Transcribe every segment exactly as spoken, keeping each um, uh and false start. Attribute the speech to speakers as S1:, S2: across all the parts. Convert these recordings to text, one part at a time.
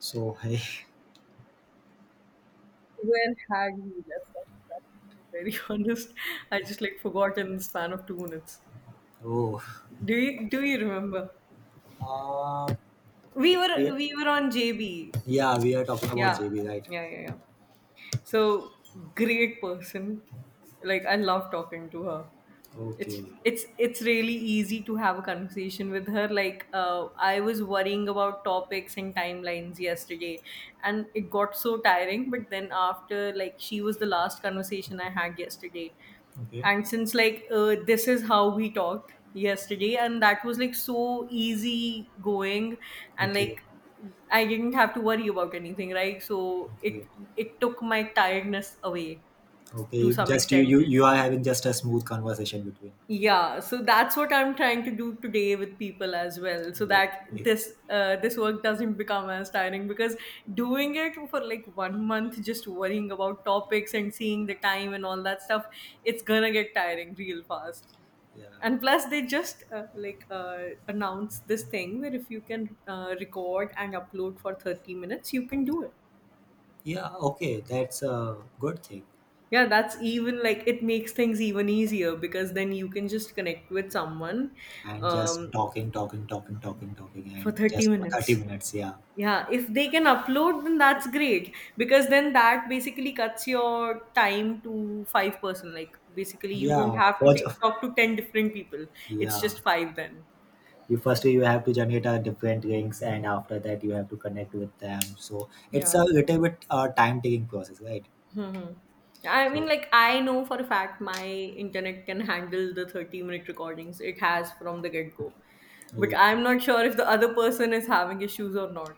S1: So hey,
S2: Where had we left off? Exactly. Very honest, I just like forgot in the span of two minutes.
S1: oh,
S2: Do you do you remember?
S1: uh,
S2: We
S1: we
S2: were we were on J B.
S1: yeah we are talking about
S2: Yeah,
S1: J B, right?
S2: yeah, yeah, yeah. So great person. Like I love talking to her. It's
S1: Okay,
S2: it's it's really easy to have a conversation with her. Like uh, I was worrying about topics and timelines yesterday, and it got so tiring. But then after, like she was the last conversation I had yesterday,
S1: okay,
S2: and since like uh, this is how we talked yesterday and that was like so easy going and
S1: okay,
S2: like I didn't have to worry about anything, right? So it
S1: okay,
S2: it took my tiredness away to
S1: okay.
S2: some
S1: Just you
S2: extent.
S1: you you are having just a smooth conversation between.
S2: Yeah, so that's what I'm trying to do today with people as well, so that
S1: Okay,
S2: this uh, this work doesn't become as tiring, because doing it for like one month just worrying about topics and seeing the time and all that stuff, it's gonna get tiring real fast.
S1: yeah,
S2: And plus they just uh, like uh, announce this thing where if you can uh, record and upload for thirty minutes you can
S1: yeah,
S2: do it.
S1: yeah. Okay, that's a good thing.
S2: Yeah, that's even like it makes things even easier, because then you can just connect with someone
S1: And just
S2: um,
S1: talking, talking, talking, talking, talking,
S2: for
S1: and
S2: thirty
S1: just for
S2: minutes.
S1: thirty minutes. Yeah,
S2: Yeah, if they can upload then that's great, because then that basically cuts your time to five person, like basically you don't
S1: yeah.
S2: have to
S1: For, ju-
S2: take, talk to ten different people. It's
S1: yeah,
S2: just five then.
S1: you first you have to generate uh, different rings, and after that you have to connect with them, so it's
S2: Yeah.
S1: a little bit uh, time taking process, right?
S2: Hmm. I mean,
S1: so
S2: like, I know for a fact my internet can handle the thirty minute recordings, it has from the get go. But I'm
S1: okay.
S2: not sure if the other person is having issues or not.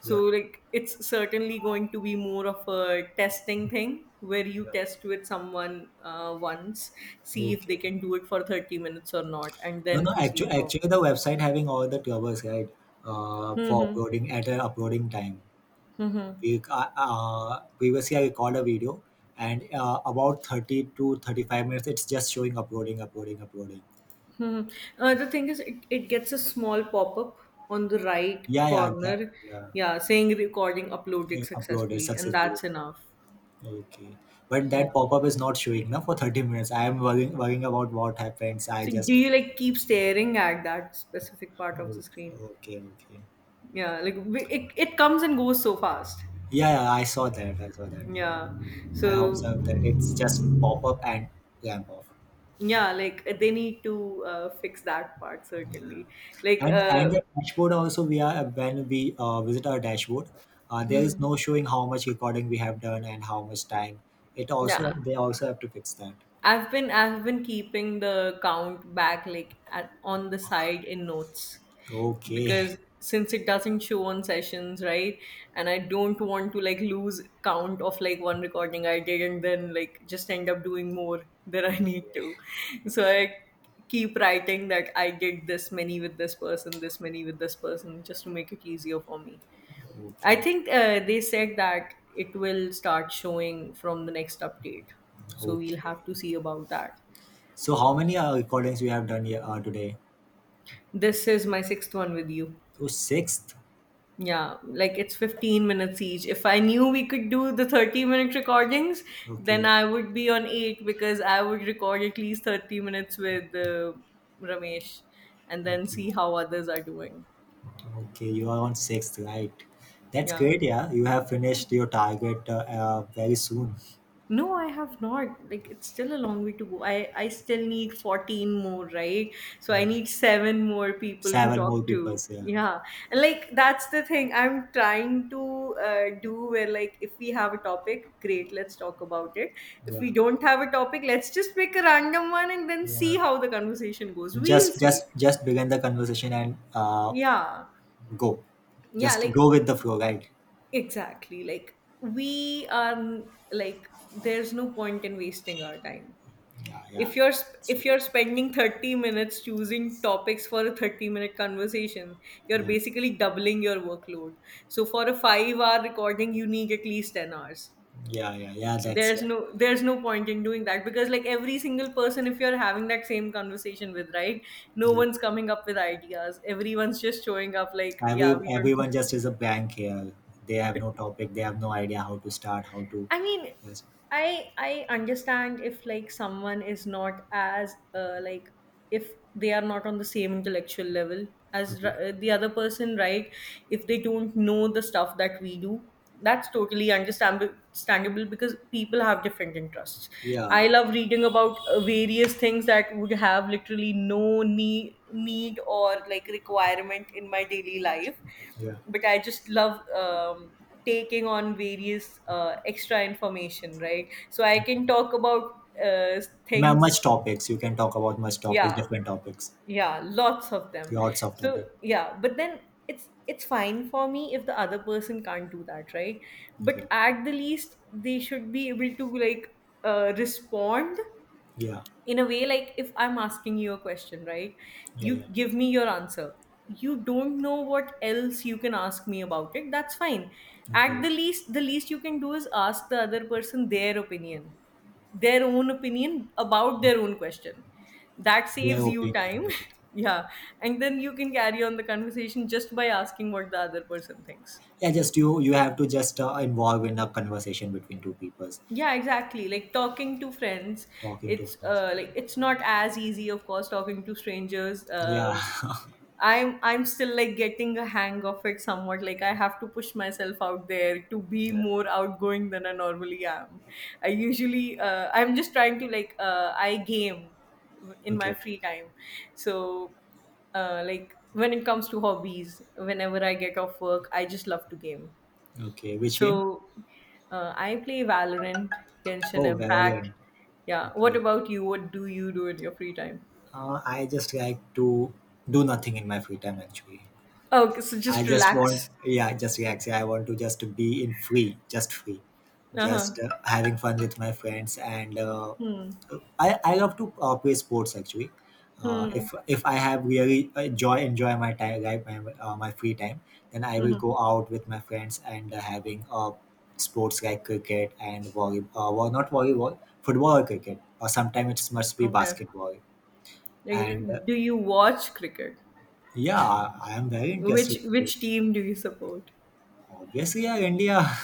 S2: So,
S1: yeah
S2: like, it's certainly going to be more of a testing thing where you
S1: yeah.
S2: test with someone uh, once, see if they
S1: okay
S2: can do it for thirty minutes or not, and
S1: no
S2: then
S1: no
S2: proceed
S1: actually
S2: forward.
S1: actually the website having all the troubles, right? Uh, for
S2: Mm-hmm.
S1: uploading, at an uploading time we uh, uh, previously I recorded a video, and uh, about thirty to thirty-five minutes it's just showing uploading uploading uploading.
S2: Mhm. Uh, the thing is, it, it gets a small pop up on the right
S1: yeah yeah that
S2: corner,
S1: yeah,
S2: yeah, saying recording uploaded
S1: Uploaded
S2: successfully, and
S1: successfully.
S2: that's enough.
S1: Okay. But
S2: Yeah.
S1: that pop-up is not showing now for thirty minutes. I am worrying, worrying about what happens. I
S2: So, do
S1: just
S2: you like keep staring at that specific part of the
S1: oh,
S2: screen?
S1: okay, okay.
S2: Yeah, like we- it, it comes and goes so fast.
S1: Yeah, yeah, I saw that. I saw that.
S2: Yeah.
S1: I
S2: So,
S1: observed that it's just pop up and lamp off.
S2: yeah, like they need to uh, fix that part, certainly. Like,
S1: And
S2: uh,
S1: and the dashboard also, we are, when we uh, visit our dashboard, uh, there is
S2: mhm.
S1: no showing how much recording we have done and how much time. It
S2: Yeah.
S1: also they also have to fix that.
S2: I've been I've been keeping the count back like at, on the side in notes,
S1: Okay,
S2: because since it doesn't show on sessions, right? And I don't want to like lose count of like one recording I did and then like just end up doing more than I need to. So I keep writing that I did this many with this person, this many with this person, just to make it easier for me. I
S1: okay,
S2: think uh, they said that it will start showing from the next update. So we'll
S1: okay.
S2: have to see about that.
S1: So how many uh, recordings we have done here, uh, today?
S2: This is my sixth one with you.
S1: So sixth.
S2: Yeah, like it's fifteen minutes each. If I knew we could do the thirty minute recordings, then
S1: Okay,
S2: I would be on eight, because I would record at least thirty minutes with uh, Ramesh and then
S1: okay,
S2: see how others are doing.
S1: okay. You are on sixth, right? That's
S2: Yeah.
S1: great. Yeah, you have finished your target uh, uh, very soon.
S2: No, I have not. Like it's still a long way to go. I I still need fourteen more, right? So I
S1: Yeah,
S2: need seven more people to
S1: seven more
S2: talk to.
S1: people. Yeah,
S2: Yeah. And like that's the thing I'm trying to uh, do, where like if we have a topic, great, let's talk about it. If
S1: yeah,
S2: we don't have a topic, let's just pick a random one and then see
S1: yeah.
S2: how the conversation goes. We'll
S1: Just,
S2: see.
S1: just, just begin the conversation and uh,
S2: Yeah.
S1: go.
S2: Yeah,
S1: Just
S2: like
S1: go with the flow, right?
S2: exactly. Like we are like there's no point in wasting our time.
S1: Yeah,
S2: If
S1: yeah,
S2: you're
S1: yeah.
S2: sp-
S1: It's
S2: if
S1: really
S2: you're spending thirty minutes choosing topics for a thirty minute conversation, you're
S1: good.
S2: basically doubling your workload. So for a five hour recording you need at least ten hours.
S1: Yeah, yeah, yeah, yeah. That's that's
S2: there's no
S1: right.
S2: there's no point in doing that, because like every single person, if you're having that same conversation with, right? No
S1: Yep.
S2: one's coming up with ideas, everyone's just showing up like, yeah,
S1: Every,
S2: we don't.
S1: everyone just is a blank here. They have no topic. They have no idea how to start. How to,
S2: I mean,
S1: yes.
S2: I I understand if like someone is not as uh, like if they are not on the same intellectual level as
S1: Okay.
S2: r- uh, the other person, right? If they don't know the stuff that we do, that's totally understandable understandable, because people have different interests.
S1: Yeah,
S2: I love reading about uh, various things that would have literally no need need or like requirement in my daily life,
S1: yeah.
S2: but I just love um, taking on various uh, extra information, right? So I can talk about uh,
S1: Ma-
S2: things.
S1: much topics you can talk about, much topics,
S2: Yeah,
S1: different topics.
S2: yeah, lots of them.
S1: Yeah, lots of
S2: So
S1: topic.
S2: yeah, but then it's it's fine for me if the other person can't do that, right? But
S1: okay
S2: at the least, they should be able to like uh, respond
S1: yeah
S2: in a way like if I'm asking you a question, right?
S1: yeah
S2: You
S1: yeah
S2: give me your answer. You don't know what else you can ask me about it, that's fine. At
S1: okay
S2: the least, the least you can do is ask the other person their opinion, their own opinion about their own question. That
S1: Their
S2: saves you
S1: opinion,
S2: time.
S1: right.
S2: Yeah, and then you can carry on the conversation just by asking what the other person thinks.
S1: Yeah, just you you have to just uh, involve in a conversation between two people.
S2: Yeah, exactly, like talking to friends.
S1: Talking to,
S2: It's uh, like it's not as easy of course talking to strangers,
S1: yeah.
S2: uh, I'm I'm still like getting a hang of it somewhat. Like I have to push myself out there to be
S1: yeah
S2: more outgoing than I normally am. I usually uh, I'm just trying to like uh, I game in my
S1: okay
S2: free time. So uh, like when it comes to hobbies, whenever I get off work, I just love to game.
S1: okay Which game?
S2: So uh, I play Valorant, Genshin
S1: Oh, Valorant.
S2: Impact. Yeah. What
S1: Okay.
S2: about you? What do you do in your free time?
S1: uh, I just like to do nothing in my free time, actually.
S2: Okay, so
S1: I
S2: just
S1: just want,
S2: relax.
S1: yeah, just relax. I want to just be in free, just free.
S2: Uh
S1: Just uh, having fun with my friends, and uh,
S2: huh.
S1: I, I love to uh, play sports, actually. Uh,
S2: Hmm.
S1: if if I have really enjoy enjoy my time, like my uh, my free time, then I will
S2: Hmm.
S1: go out with my friends and uh, having uh, sports, like cricket and volley uh, well not volleyball, football or cricket, or sometimes it must be
S2: Okay.
S1: basketball.
S2: Okay,
S1: And uh,
S2: do you watch cricket?
S1: yeah, I am very
S2: Which
S1: interested in cricket.
S2: which team do you support?
S1: Obviously, yeah, India.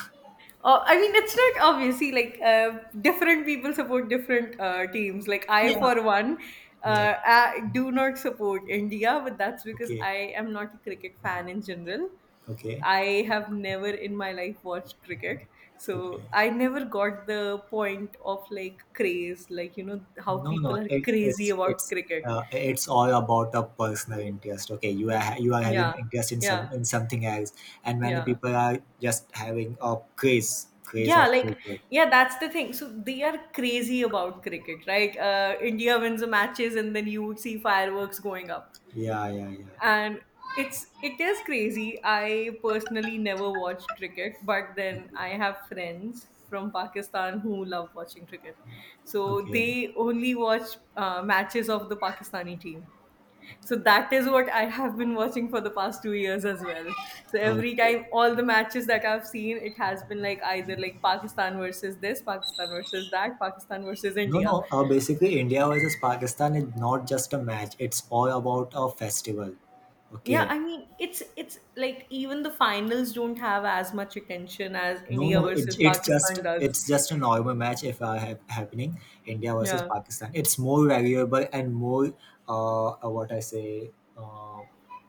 S2: Oh, I mean, it's not obviously like uh, different people support different uh, teams. Like I,
S1: yeah
S2: for one,
S1: yeah
S2: uh, I do not support India, but that's because
S1: okay
S2: I am not a cricket fan in general.
S1: okay
S2: I have never in my life watched cricket, so
S1: okay.
S2: I never got the point of like craze, like you know how
S1: No,
S2: people
S1: no,
S2: are
S1: it,
S2: crazy
S1: it's
S2: about
S1: it's
S2: cricket.
S1: uh, it's all about a personal interest. Okay, you are ha- you are having
S2: Yeah,
S1: interest in some,
S2: yeah.
S1: in something else, and many
S2: Yeah.
S1: people are just having a craze craze
S2: Yeah,
S1: of
S2: like,
S1: cricket.
S2: yeah, that's the thing. So they are crazy about cricket, right? Uh, India wins the matches and then you would see fireworks going up.
S1: Yeah, yeah, yeah.
S2: And it's it is crazy. I personally never watched cricket, but then
S1: Okay,
S2: I have friends from Pakistan who love watching cricket. So
S1: okay,
S2: they only watch uh, matches of the Pakistani team. So that is what I have been watching for the past two years as well. So every
S1: okay.
S2: time, all the matches that I've seen, it has been like either like Pakistan versus this, Pakistan versus that, Pakistan versus
S1: No,
S2: India.
S1: no. Uh, basically, India versus Pakistan is not just a match. It's all about a festival.
S2: Yeah,
S1: Okay,
S2: I mean, it's it's like even the finals don't have as much attention as
S1: no,
S2: India
S1: no,
S2: versus
S1: it, it's just
S2: Pakistan does.
S1: it's just a normal match if I have happening India versus
S2: Yeah.
S1: Pakistan. It's more valuable and more uh uh, what I say, uh,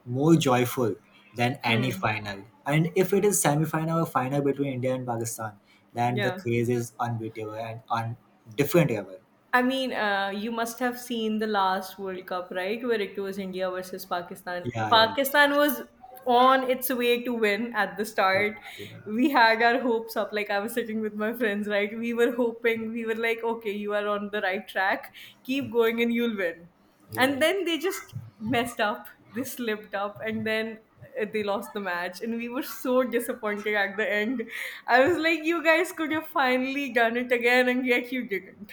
S1: more joyful than any
S2: Hmm.
S1: final. And if it is semi-final or final between India and Pakistan, then the
S2: Yeah.
S1: craze is unbeatable and on different level.
S2: I mean, uh, you must have seen the last World Cup, right? Where it was India versus Pakistan.
S1: Yeah, yeah,
S2: Pakistan was on its way to win at the
S1: yeah,
S2: start.
S1: yeah,
S2: We had our hopes up. Like, I was sitting with my friends, right? We were hoping, we were like, okay, you are on the right track. Keep going and you'll win.
S1: yeah.
S2: And then they just messed up. They slipped up. And then uh, they lost the match. And we were so disappointed at the end. I was like, you guys could have finally done it again, and yet you didn't.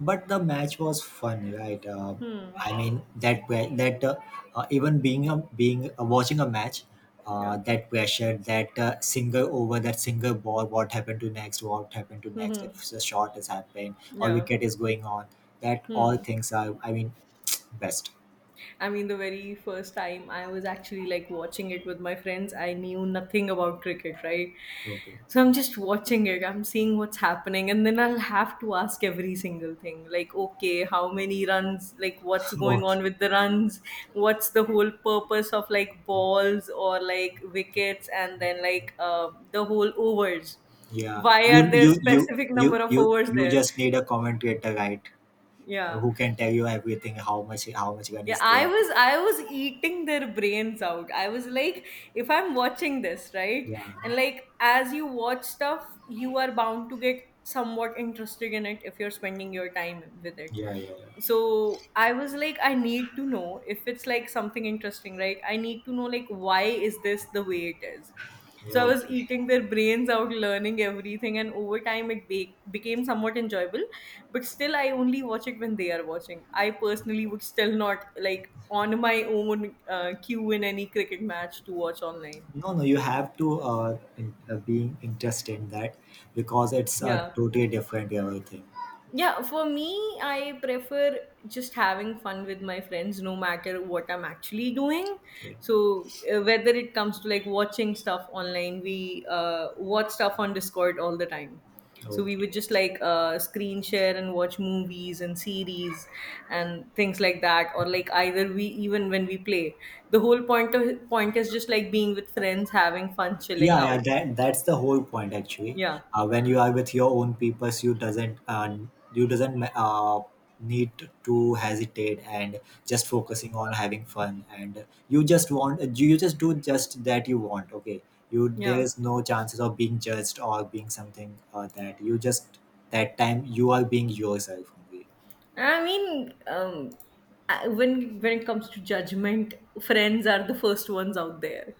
S1: But the match was fun, right? uh,
S2: Hmm.
S1: i mean that pre- that uh, uh, even being a being uh, watching a match, uh,
S2: Yeah.
S1: that pressure, that uh, single over, that single ball, what happened to next, what happened to next,
S2: Hmm.
S1: if the shot is happening or
S2: Yeah.
S1: wicket is going on, that all
S2: Hmm.
S1: things are, I mean, best.
S2: I mean, the very first time I was actually like watching it with my friends, I knew nothing about cricket, right?
S1: Okay.
S2: So I'm just watching it, I'm seeing what's happening, and then I'll have to ask every single thing like, okay, how many runs, like, what's going
S1: okay,
S2: on with the runs, what's the whole purpose of like balls or like wickets, and then like uh, the whole overs.
S1: yeah.
S2: Why
S1: you
S2: are there
S1: you you
S2: specific
S1: you
S2: number of
S1: you
S2: overs
S1: you
S2: there?
S1: just need a commentator, right,
S2: Yeah.
S1: who can tell you everything, how much, how much gun
S2: Yeah,
S1: is
S2: I
S1: there.
S2: was I was eating their brains out. I was like, if I'm watching this, right?
S1: Yeah,
S2: And like as you watch stuff, you are bound to get somewhat interested in it if you're spending your time with it.
S1: yeah, yeah, yeah,
S2: So I was like, I need to know if it's like something interesting, right? I need to know like why is this the way it is?
S1: yeah,
S2: So I was
S1: okay.
S2: eating their brains out, learning everything, and over time it be- became somewhat enjoyable. But still, I only watch it when they are watching. I personally would still not like on my own uh, queue in any cricket match to watch online.
S1: No, no, you have to uh, in, uh, being interested in that, because it's uh,
S2: Yeah.
S1: totally different everything.
S2: Yeah, for me, I prefer just having fun with my friends no matter what I'm actually doing.
S1: Okay.
S2: So, uh, whether it comes to like watching stuff online, we uh, watch stuff on Discord all the time. So, we
S1: Okay.
S2: would just like uh, screen share and watch movies and series and things like that. Or, like, either we even when we play, the whole point, of, point is just like being with friends, having fun, chilling
S1: Yeah, yeah,
S2: out.
S1: that that's the whole point, actually.
S2: Yeah.
S1: Uh, when you are with your own peoples, you doesn't uh, you doesn't uh, need to hesitate and just focusing on having fun, and you just want, you you just do just that you want. Okay, you,
S2: Yeah.
S1: there is no chances of being judged or being something uh, that you just, that time you are being yourself only.
S2: I mean, um, I- when when it comes to judgment, friends are the first ones out there.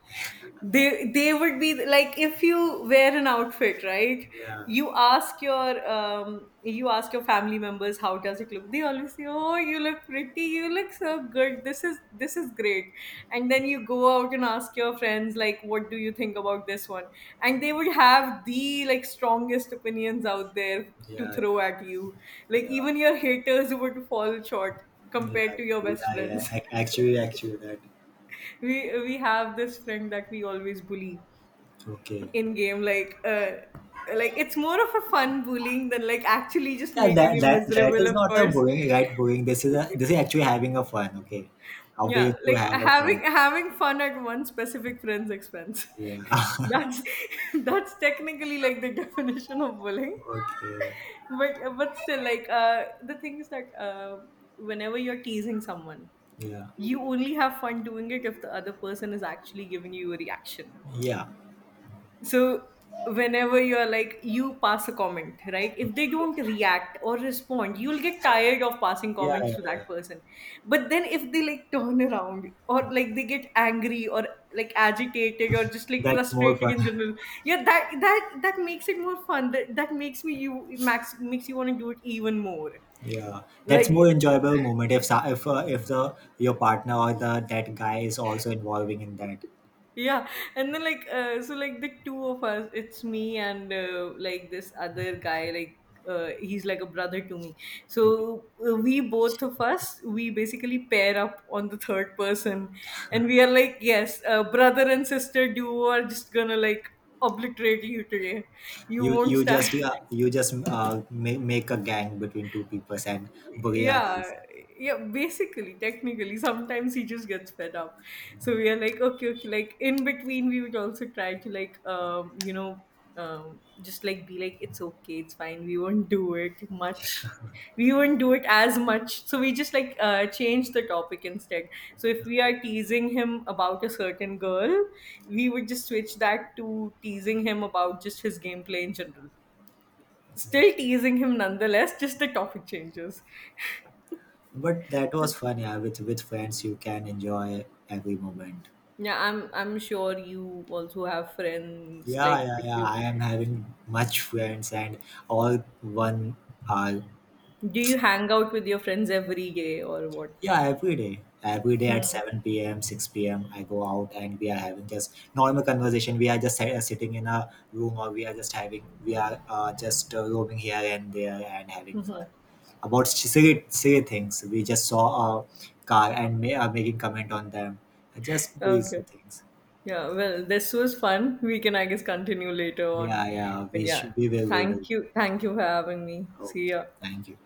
S2: They they would be like if you wear an outfit, right?
S1: Yeah,
S2: You ask your um, you ask your family members how does it look. They always say, "Oh, you look pretty. You look so good. This is this is great." And then you go out and ask your friends like, "What do you think about this one?" And they would have the like strongest opinions out there to
S1: yeah,
S2: throw at you. Like
S1: yeah,
S2: even your haters would fall short
S1: yeah,
S2: compared to your best
S1: yeah, yeah.
S2: friends.
S1: Ac- Actually, actually, that,
S2: we we have this friend that we always bully
S1: okay.
S2: in game. Like uh, like it's more of a fun bullying than like actually just
S1: Yeah, that
S2: making him
S1: that that
S2: miserable.
S1: is
S2: Of
S1: not a
S2: course,
S1: booing, right? Booing. This is a this is actually having a fun. Okay, a way
S2: yeah.
S1: to
S2: Like
S1: have a
S2: having
S1: fun.
S2: having fun at one specific friend's expense.
S1: Yeah.
S2: That's that's technically like the definition of bullying,
S1: okay.
S2: but but still like uh the thing is that uh whenever you're teasing someone,
S1: Yeah.
S2: you only have fun doing it if the other person is actually giving you a reaction.
S1: Yeah.
S2: So whenever you're like you pass a comment, right? If they don't react or respond, you'll get tired of passing
S1: Yeah.
S2: comments
S1: Yeah,
S2: to
S1: yeah.
S2: that person. But then if they like turn around or like they get angry or like agitated or just like
S1: That's more
S2: frustrated
S1: fun.
S2: in general, yeah, that that that makes it more fun. That that makes me you max makes you want to do it even more.
S1: Yeah, that's
S2: Like
S1: more enjoyable moment if sa- if uh, if the your partner or the that guy is also involving in that.
S2: yeah, and then like uh, so like the two of us, it's me and uh, like this other guy, like uh, he's like a brother to me.
S1: Okay.
S2: So uh, we both of us we basically pair up on the third person, and we are like, yes, uh, brother and sister duo are just gonna like obliterate you today, you
S1: You
S2: won't
S1: you
S2: stand.
S1: just, yeah, you just uh, make, make a gang between two people and Burya
S2: Yeah,
S1: does.
S2: yeah, basically technically sometimes he just gets fed up, so we are like, okay, okay, like in between we would also try to like um you know, um just like be like it's okay, it's fine, we won't do it much, we won't do it as much. So we just like uh change the topic instead. So if we are teasing him about a certain girl, we would just switch that to teasing him about just his gameplay in general, still teasing him nonetheless, just the topic changes.
S1: But that
S2: So.
S1: was fun, yeah. With with friends, you can enjoy every moment.
S2: Yeah, I'm I'm sure you also have friends
S1: Yeah,
S2: like
S1: yeah,
S2: that.
S1: yeah.
S2: You
S1: I am having much friends, and all one are,
S2: do you hang out with your friends every day or what?
S1: yeah, every day. Every day at
S2: Hmm.
S1: seven p m, six p m, I go out and we are having just normal conversation. We are just uh, sitting in a room, or we are just having, we are uh, just uh, roaming here and there and having fun. About silly, silly things. We just saw a car and ma- uh, making comment on them. Just these
S2: Okay.
S1: things.
S2: Yeah, well, this was fun. We can, I guess, continue later on.
S1: Yeah, yeah,
S2: But
S1: we
S2: yeah,
S1: should, we will, we will.
S2: thank you. Thank you for having me. See
S1: Okay,
S2: ya.
S1: thank you.